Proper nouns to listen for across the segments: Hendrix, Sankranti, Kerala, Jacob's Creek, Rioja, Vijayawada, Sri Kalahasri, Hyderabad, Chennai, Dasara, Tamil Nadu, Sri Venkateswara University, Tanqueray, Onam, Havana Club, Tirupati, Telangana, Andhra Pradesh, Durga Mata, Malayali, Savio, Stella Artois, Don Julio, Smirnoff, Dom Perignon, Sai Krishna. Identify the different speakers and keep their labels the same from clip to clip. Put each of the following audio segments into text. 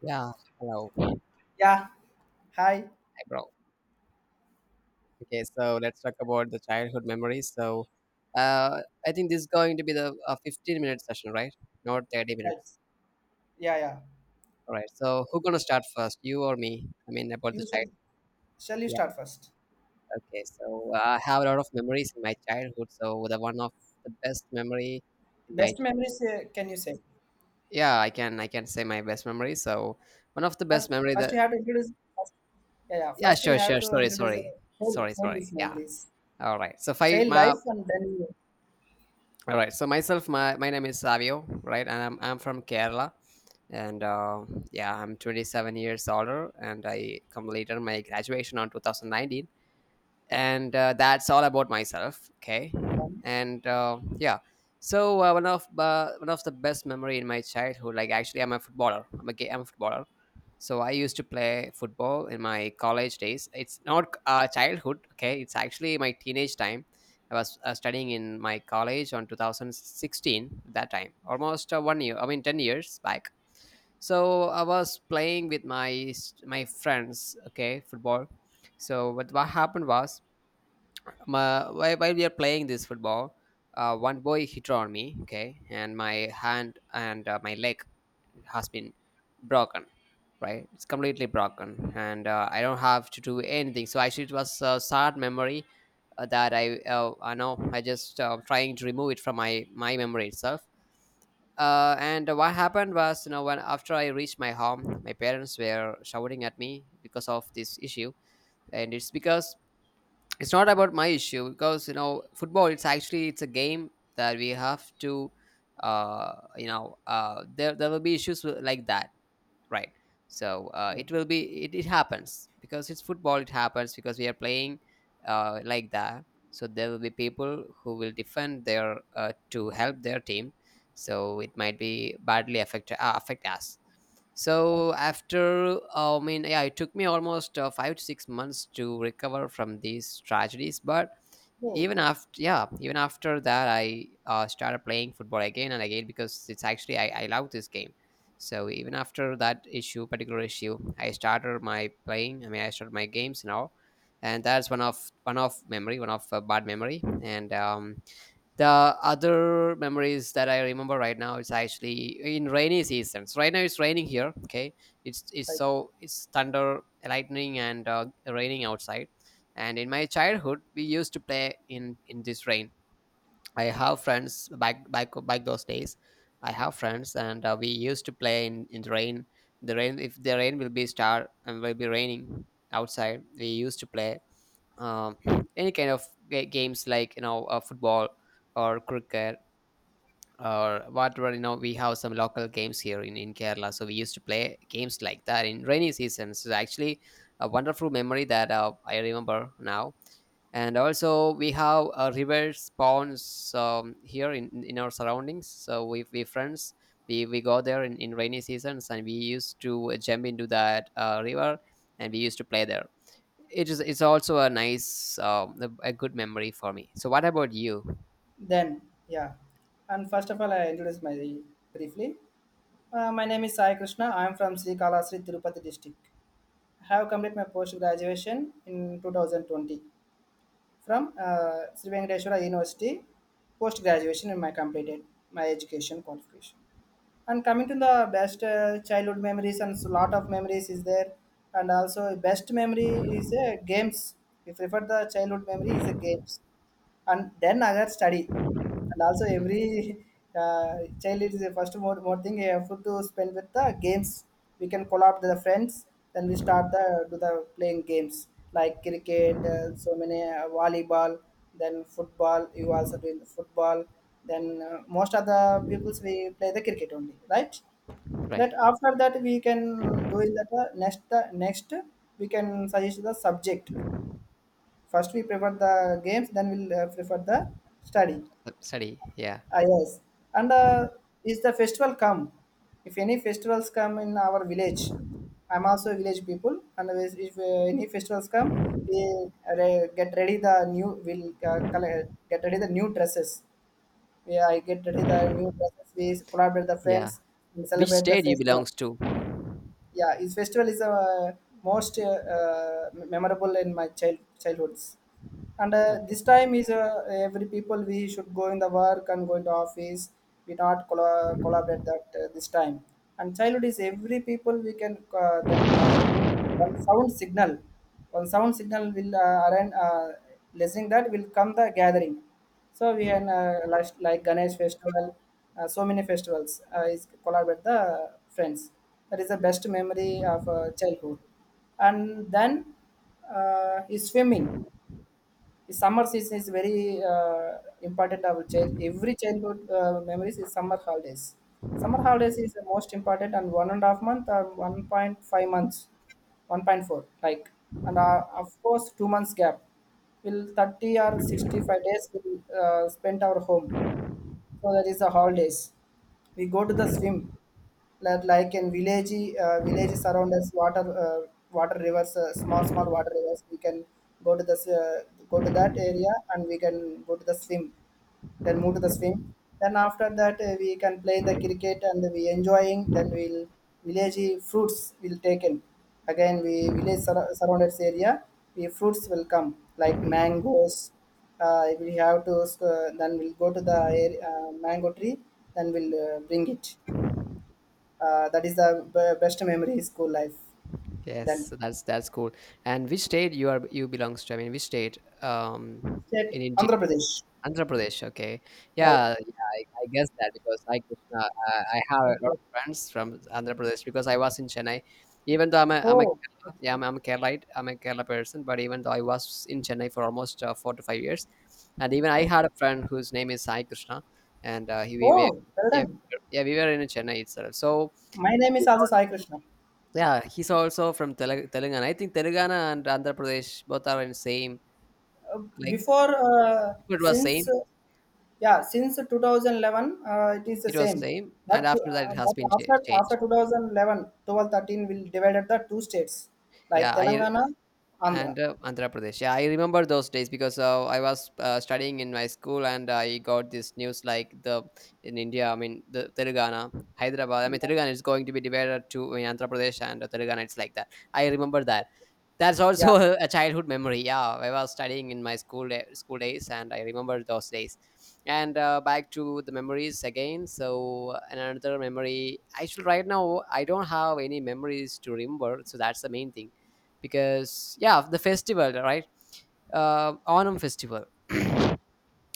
Speaker 1: Yeah. Hello.
Speaker 2: Yeah. Hi.
Speaker 1: Hi, bro. Okay, so let's talk about the childhood memories. So, I think this is going to be the 15-minute session, right? Not 30
Speaker 2: Right.
Speaker 1: minutes.
Speaker 2: Yeah, yeah.
Speaker 1: All right. So, who gonna start first, you or me? I mean, about the
Speaker 2: You
Speaker 1: child.
Speaker 2: shall. Shall you
Speaker 1: Yeah.
Speaker 2: start first?
Speaker 1: Okay. So, I have a lot of memories in my childhood. So, the one of the best memory in my
Speaker 2: Best memories? Can you say?
Speaker 1: yeah, I can say my best memory. So, one of the
Speaker 2: First,
Speaker 1: best memory
Speaker 2: first, you
Speaker 1: that
Speaker 2: have to introduce. First, yeah, yeah.
Speaker 1: yeah,
Speaker 2: First you
Speaker 1: sure,
Speaker 2: have
Speaker 1: sure.
Speaker 2: to
Speaker 1: Sorry,
Speaker 2: introduce
Speaker 1: sorry,
Speaker 2: child,
Speaker 1: sorry,
Speaker 2: childish
Speaker 1: sorry. Yeah.
Speaker 2: memories,
Speaker 1: All right. So, five.
Speaker 2: child
Speaker 1: My
Speaker 2: life, and
Speaker 1: All right. So myself, my name is Savio, right? And I'm from Kerala. And yeah, I'm 27 years older and I completed my graduation on 2019 and that's all about myself, okay,
Speaker 2: then.
Speaker 1: and yeah. So one of the best memory in my childhood, like, actually I'm a footballer. I'm a footballer, so I used to play football in my college days. It's not childhood, okay, it's actually my teenage time. I was studying in my college on 2016. That time, almost one year, I mean 10 years back. So I was playing with my friends, okay, football. So what happened was my, while we are playing this football, one boy hit on me, okay, and my hand and my leg has been broken, right? It's completely broken, and I don't have to do anything. So actually, it was a sad memory that I know, I just trying to remove it from my memory itself. And what happened was, you know, when after I reached my home, my parents were shouting at me because of this issue, and it's because it's not about my issue because, you know, football, it's actually it's a game that we have to, uh, you know, uh, there will be issues with- like that, right? So it
Speaker 2: Okay.
Speaker 1: will be it happens because it's football, it happens because we are playing like that. So there will be people who will defend their to help their team, so it might be badly affect us. So
Speaker 2: Okay.
Speaker 1: after I mean, yeah, it took me almost 5 to 6 months to recover from these tragedies, but
Speaker 2: Oh,
Speaker 1: even after, yeah, even after that I started playing football again and again because it's actually I love this game. So even after that issue, particular issue, I started my playing, I mean I started my games now, and that's one of bad memory. And the other memories that I remember right now is actually in rainy seasons. Right now it's raining here. Okay, it's it's
Speaker 2: right.
Speaker 1: so it's thunder, lightning, and raining outside. And in my childhood, we used to play in this rain. I have friends back back those days. I have friends, and we used to play in the rain. The rain, if the rain will be star and will be raining outside, we used to play. Um, any kind of games like, you know, football or cricket or whatever, you know, we have some local games here in Kerala, so we used to play games like that in rainy seasons. It's actually a wonderful memory that I remember now. And also we have a river, ponds, here in our surroundings, so we friends, we go there in rainy seasons, and we used to jump into that river, and we used to play there. It is, it's also a nice, a good memory for me. So what about you?
Speaker 2: Then, yeah. And first of all, I introduce my briefly. My name is Sai Krishna. I am from Sri Kalahasri, Tirupati district. I have completed my post graduation in 2020 from Sri Venkateswara University. Post graduation, and my completed my education qualification. And coming to the best childhood memories, and a lot of memories is there. And also, best memory is games. We prefer the childhood memory is the games, and then other study. And also every uh, child is the first more thing you have to spend with the games. We can collab with the friends, then we start the do the playing games like cricket, so many, volleyball, then football. You also doing the football. Then most of the peoples we play the cricket only, right?
Speaker 1: Right.
Speaker 2: That after that we can do in that next we can suggest the subject. First we prefer the games, then we'll prefer the study.
Speaker 1: Study, yeah.
Speaker 2: Ah, yes. And is the festival come? If any festivals come in our village, I'm also a village people. And if any festivals come, we get ready the new, we'll collect, get ready the new dresses. Yeah, I get ready the new dresses, we collaborate the
Speaker 1: Yeah.
Speaker 2: friends and
Speaker 1: Which
Speaker 2: celebrate the
Speaker 1: state you
Speaker 2: festival.
Speaker 1: belongs to?
Speaker 2: Yeah, this festival is most memorable in my childhoods. And
Speaker 1: Okay.
Speaker 2: this time is every people we should go in the work and go into office. We not collaborate that this time. And childhood is every people we can then one sound signal one sound signal will arrange listening, that will come the gathering. So we can like Ganesh festival, so many festivals, is collaborate the friends. That is the best memory of childhood. And then is swimming. The summer season is very important, our child every childhood memories is summer holidays. Summer holidays is the most important, and 1.5 month or 1.5 months, 1.4, like. And of course 2 months gap, will 30 or 65 days will spent our home, so that is the holidays. We go to the swim, like in village villages around us, water, water rivers, small water rivers. We can go to the s- uh, go to that area and we can go to the swim. Then move to the swim. Then after that we can play in the cricket, and we enjoying, then we'll village fruits will taken. Again we village surrounded area, we fruits will come, like mangoes. We have to, then we'll go to the area, mango tree, then we'll bring it. That is the best memory is school life.
Speaker 1: Yes,
Speaker 2: Then
Speaker 1: so that's cool. And which state you are, you belongs to? I mean, which state, um,
Speaker 2: state
Speaker 1: in India?
Speaker 2: Andhra Pradesh.
Speaker 1: Andhra Pradesh. Okay,
Speaker 2: Right.
Speaker 1: yeah, yeah. I guess that because I, Krishna, I have a lot
Speaker 2: Okay.
Speaker 1: of friends from Andhra Pradesh because I was in Chennai. Even though I'm a
Speaker 2: Oh,
Speaker 1: Kerala, yeah, I'm a Keralaite, I'm a Kerala person. But even though I was in Chennai for almost 4 to 5 years, and even I had
Speaker 2: okay.
Speaker 1: a friend whose name is Sai Krishna, and he we were,
Speaker 2: Oh, well
Speaker 1: yeah we
Speaker 2: done.
Speaker 1: were- yeah we were in Chennai itself. So
Speaker 2: My name is also Sai Krishna.
Speaker 1: yeah, he's also from Telangana. I think Telangana and Andhra Pradesh both are in same.
Speaker 2: Uh,
Speaker 1: Like,
Speaker 2: Before,
Speaker 1: if it was
Speaker 2: since,
Speaker 1: same,
Speaker 2: yeah, since 2011, it is the
Speaker 1: it was
Speaker 2: same.
Speaker 1: same, and
Speaker 2: But,
Speaker 1: after that
Speaker 2: uh,
Speaker 1: it has
Speaker 2: but
Speaker 1: been
Speaker 2: after
Speaker 1: changed.
Speaker 2: 2011, 12, 13 will divided the two states
Speaker 1: Yeah,
Speaker 2: like
Speaker 1: I
Speaker 2: Telangana, Andhra.
Speaker 1: and Andhra Pradesh. Yeah, I remember those days because I was studying in my school, and I got this news like the in India. I mean, the Telangana, Hyderabad. I mean, Telangana is going to be divided to in Andhra Pradesh and Telangana. It's like that. I remember that. That's
Speaker 2: Yeah.
Speaker 1: also a childhood memory. Yeah, I was studying in my school day, school days, and I remember those days. And back to the memories again. So another memory. Actually, right now I don't have any memories to remember. So that's the main thing, because, yeah, the festival, right? Onam festival.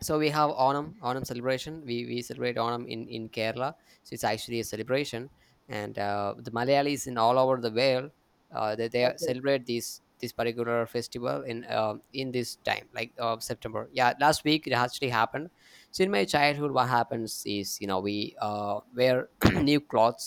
Speaker 1: So we have Onam, Onam celebration. We celebrate Onam in Kerala. So it's actually a celebration, and the Malayalis in all over the world, they
Speaker 2: Okay.
Speaker 1: celebrate this particular festival in um, in this time, like, September. Yeah, last week it actually happened. So in my childhood, what happens is, you know, we wear new clothes.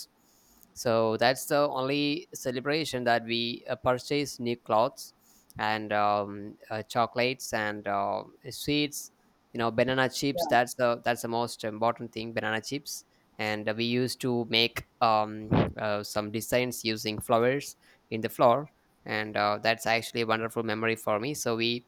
Speaker 1: So that's the only celebration that we purchase new clothes, and chocolates and sweets, you know, banana chips.
Speaker 2: Yeah.
Speaker 1: That's the most important thing, banana chips. And we used to make, some designs using flowers in the floor, and that's actually a wonderful memory for me, so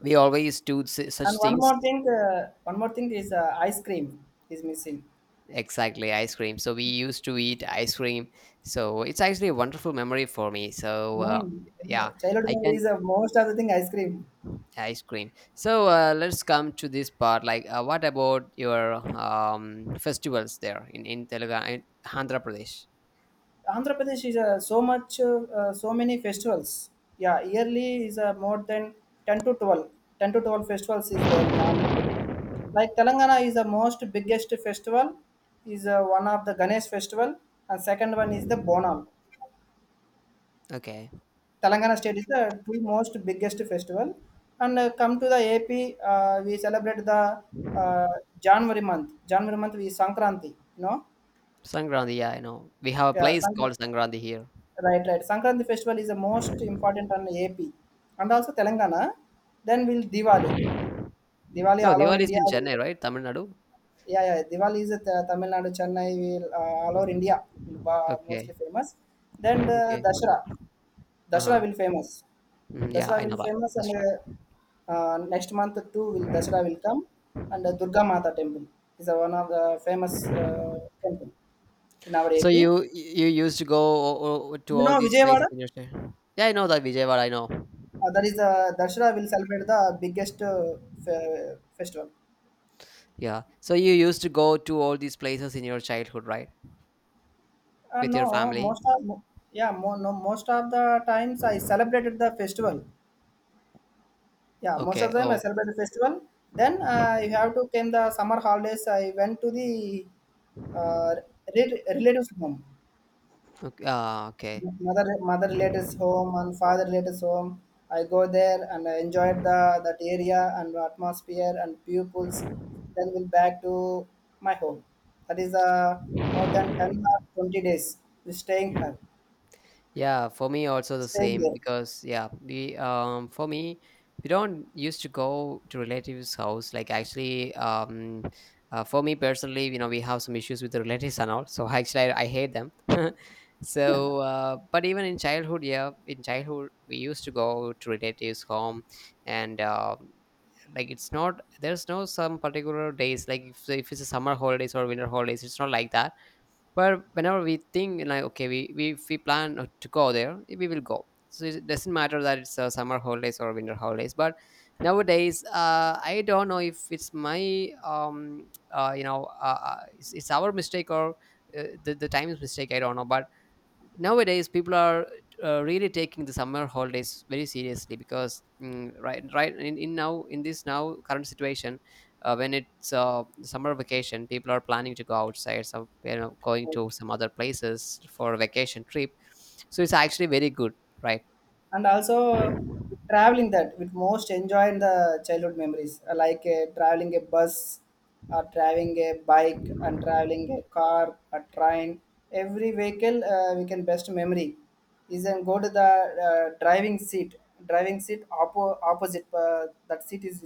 Speaker 1: we always do such
Speaker 2: And one
Speaker 1: things.
Speaker 2: more thing, uh, one more thing is ice cream is missing.
Speaker 1: Exactly, ice cream. So we used to eat ice cream, so it's actually a wonderful memory for me.
Speaker 2: Mm.
Speaker 1: Yeah,
Speaker 2: Childhood
Speaker 1: I
Speaker 2: memory
Speaker 1: can,
Speaker 2: is most of the thing ice cream.
Speaker 1: ice cream. So let's come to this part, like, what about your um, festivals there in Telangana in Andhra Pradesh?
Speaker 2: Andhra Pradesh is so many festivals. Yeah, yearly is more than 10 to 12. 10 to 12 festivals is there in Andhra Pradesh. Like Telangana is the most biggest festival, is one of the Ganesh festival, and second one is the Bonam.
Speaker 1: Okay.
Speaker 2: Telangana state is the two most biggest festival. And come to the AP, we celebrate the uh, January month. January month we Sankranti, you know.
Speaker 1: Sankranti, yeah, I know. We have a
Speaker 2: Yeah,
Speaker 1: place called Sankranti here.
Speaker 2: Right, right. Sankranti festival is the most important on AP, and also Telangana. Then we'll Diwali. Diwali
Speaker 1: No,
Speaker 2: all over
Speaker 1: Diwali is
Speaker 2: India.
Speaker 1: in
Speaker 2: will-
Speaker 1: Chennai, right, Tamil Nadu.
Speaker 2: Yeah, yeah. Diwali is at Tamil Nadu, Chennai. Will all over India will, mostly
Speaker 1: Okay.
Speaker 2: famous. Then
Speaker 1: Okay.
Speaker 2: Dashra. Dasara
Speaker 1: Uh-huh.
Speaker 2: will famous.
Speaker 1: Mhm, yeah
Speaker 2: Dasara
Speaker 1: I
Speaker 2: will
Speaker 1: know that.
Speaker 2: famous, and
Speaker 1: That's right.
Speaker 2: next month too will Dasara will come. And Durga Mata temple is one of the famous temple in our
Speaker 1: So
Speaker 2: AP. You
Speaker 1: you used to go o- o- to all
Speaker 2: know
Speaker 1: these places
Speaker 2: Vijayawada?
Speaker 1: in your chi-. Yeah, I know that, Vijayawada, I know.
Speaker 2: That is Dasara will celebrate the biggest festival.
Speaker 1: Yeah, so you used to go to all these places in your childhood, right, with your
Speaker 2: No,
Speaker 1: family?
Speaker 2: most of, yeah, no, most of the times I celebrated the festival. Yeah, most of
Speaker 1: Okay,
Speaker 2: them I
Speaker 1: oh,
Speaker 2: celebrate the festival. Then you have to came the summer holidays. I went to the uh, relatives home,
Speaker 1: okay, ah, okay.
Speaker 2: mother relatives home and father relatives home. I go there and I enjoyed the that area and atmosphere and pupils. Then we'll back to my home. That is more than 10 or 20 days, we staying here,
Speaker 1: Mhm. Yeah, for me also the
Speaker 2: staying
Speaker 1: same
Speaker 2: there.
Speaker 1: because, yeah, we um, for me we don't used to go to relatives' house, like, actually, um, for me personally, you know, we have some issues with the relatives and all, so actually I hate them So but even in childhood, yeah, in childhood we used to go to relatives' home, and like, it's not there's no some particular days, like, if it's a summer holidays or winter holidays, it's not like that. But whenever we think like, okay, we if we plan to go there, we will go. So it doesn't matter that it's summer holidays or winter holidays. But nowadays, I don't know if it's my you know, it's our mistake or the time's mistake. I don't know, but nowadays people are really taking the summer holidays very seriously because, mm, right, right in now in this now current situation, when it's summer vacation, people are planning to go outside, some, you know, going to
Speaker 2: Okay.
Speaker 1: some other places for a vacation trip, so it's actually very good, right?
Speaker 2: And also traveling that with most enjoying the childhood memories, like traveling a bus or driving a bike and traveling a car, a train, every vehicle, we can best memory is then go to the driving seat. Driving seat opposite that seat is,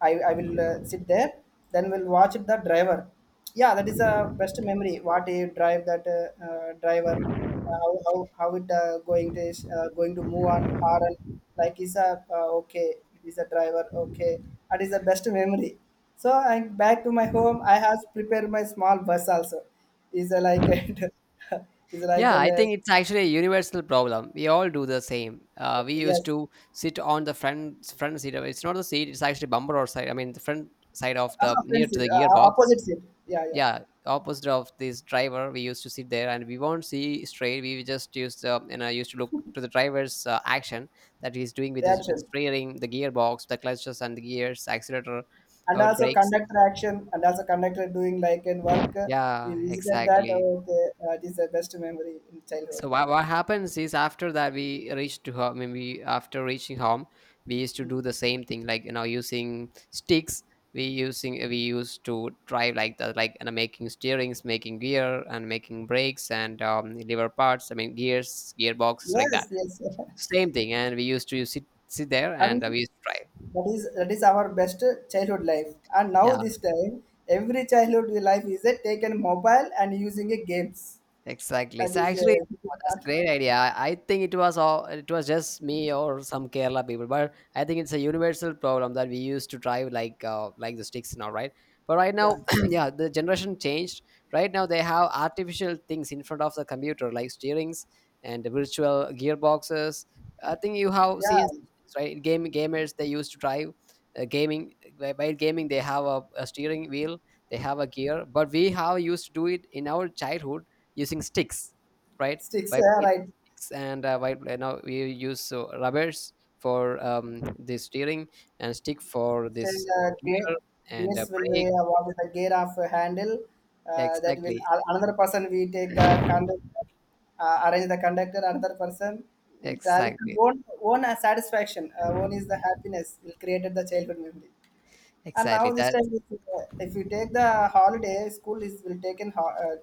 Speaker 2: I will sit there, then we'll watch the driver. Yeah, that is a best memory, what do you drive that driver. How it going to move on hard and, like is a, okay, it is a driver, okay, that is the best memory. So I back to my home, I have prepared my small bus also, is a like and is like
Speaker 1: Yeah,
Speaker 2: an
Speaker 1: I think it's actually a universal problem, we all do the same. We used
Speaker 2: Yes.
Speaker 1: to sit on the front seat of- it's not the seat, it's actually bumper or side, I mean the front side of the
Speaker 2: Ah, friend
Speaker 1: near to
Speaker 2: seat,
Speaker 1: the gearbox.
Speaker 2: opposite seat. Yeah, yeah.
Speaker 1: Yeah, opposite of this driver we used to sit there, and we won't see straight, we just used and I used to look to the driver's action that he's doing with the
Speaker 2: Reaction,
Speaker 1: steering, the gearbox, the clutches and the gears, accelerator
Speaker 2: and
Speaker 1: or the
Speaker 2: also
Speaker 1: brakes,
Speaker 2: conductor action, and also conductor doing like in work, we
Speaker 1: yeah,
Speaker 2: visited that.
Speaker 1: exactly.
Speaker 2: Oh, okay. It is the best memory in childhood.
Speaker 1: So what happens is after that we reached to home, I mean, we after reaching home, we used to do the same thing, like, you know, using sticks. We used to drive like that, like, you know, making steerings, making gear, and making brakes and, lever parts, I mean gears, gearboxes, like
Speaker 2: Yes,
Speaker 1: that,
Speaker 2: yes.
Speaker 1: same thing, and we used to sit there and
Speaker 2: And
Speaker 1: we used to drive.
Speaker 2: that is our best childhood life, and now
Speaker 1: Yeah.
Speaker 2: this time every childhood life is a taken mobile and using a games.
Speaker 1: Exactly.
Speaker 2: That
Speaker 1: So
Speaker 2: is
Speaker 1: actually,
Speaker 2: this
Speaker 1: oh,
Speaker 2: is
Speaker 1: that's a
Speaker 2: not.
Speaker 1: great idea. I think it was all, it was just me or some Kerala people, but I think it's a universal problem that we used to drive like the sticks now, right? But right
Speaker 2: Yeah,
Speaker 1: now, yeah, the generation changed. Right now, they have artificial things in front of the computer, like steerings and the virtual gearboxes. I think you have seen
Speaker 2: yeah.
Speaker 1: things, right, game gamers, they used to drive gaming, by gaming they have a steering wheel, they have a gear, but we have used to do it in our childhood using sticks, right?
Speaker 2: Sticks,
Speaker 1: By raising
Speaker 2: right.
Speaker 1: sticks, and by now we use rubbers for, the steering, and stick for
Speaker 2: Still,
Speaker 1: this gear, and
Speaker 2: Gates
Speaker 1: uh,
Speaker 2: will be
Speaker 1: brake.
Speaker 2: awarded the gear of handle. That will
Speaker 1: Exactly,
Speaker 2: another person we take the conductor, arrange the conductor. Another person we tally.
Speaker 1: exactly,
Speaker 2: Own own a satisfaction. Own is the happiness. Will created the childhood memory. And now
Speaker 1: exactly.
Speaker 2: this
Speaker 1: That,
Speaker 2: time, if you take the holiday, school is will take in ho- uh,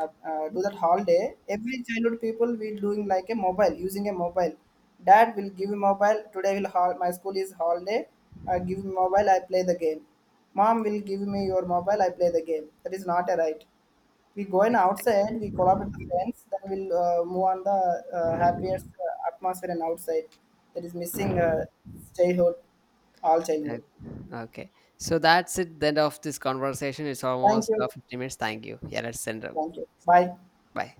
Speaker 2: uh, uh, do that holiday. Every childhood people will doing like a mobile, using a mobile. Dad will give me mobile. Today will my school is holiday. I give me mobile. I play the game. Mom will give me your mobile. I play the game. That is not a right. We going
Speaker 1: exactly.
Speaker 2: outside. We collaborate with friends. Then we'll move on the happiest atmosphere and outside. That is missing childhood, all childhood.
Speaker 1: Okay, so that's it. The end of this conversation. It's
Speaker 2: Thank
Speaker 1: almost
Speaker 2: you.
Speaker 1: 15 minutes. Thank you. Yeah, let's send. A-
Speaker 2: Thank you. Bye.
Speaker 1: Bye.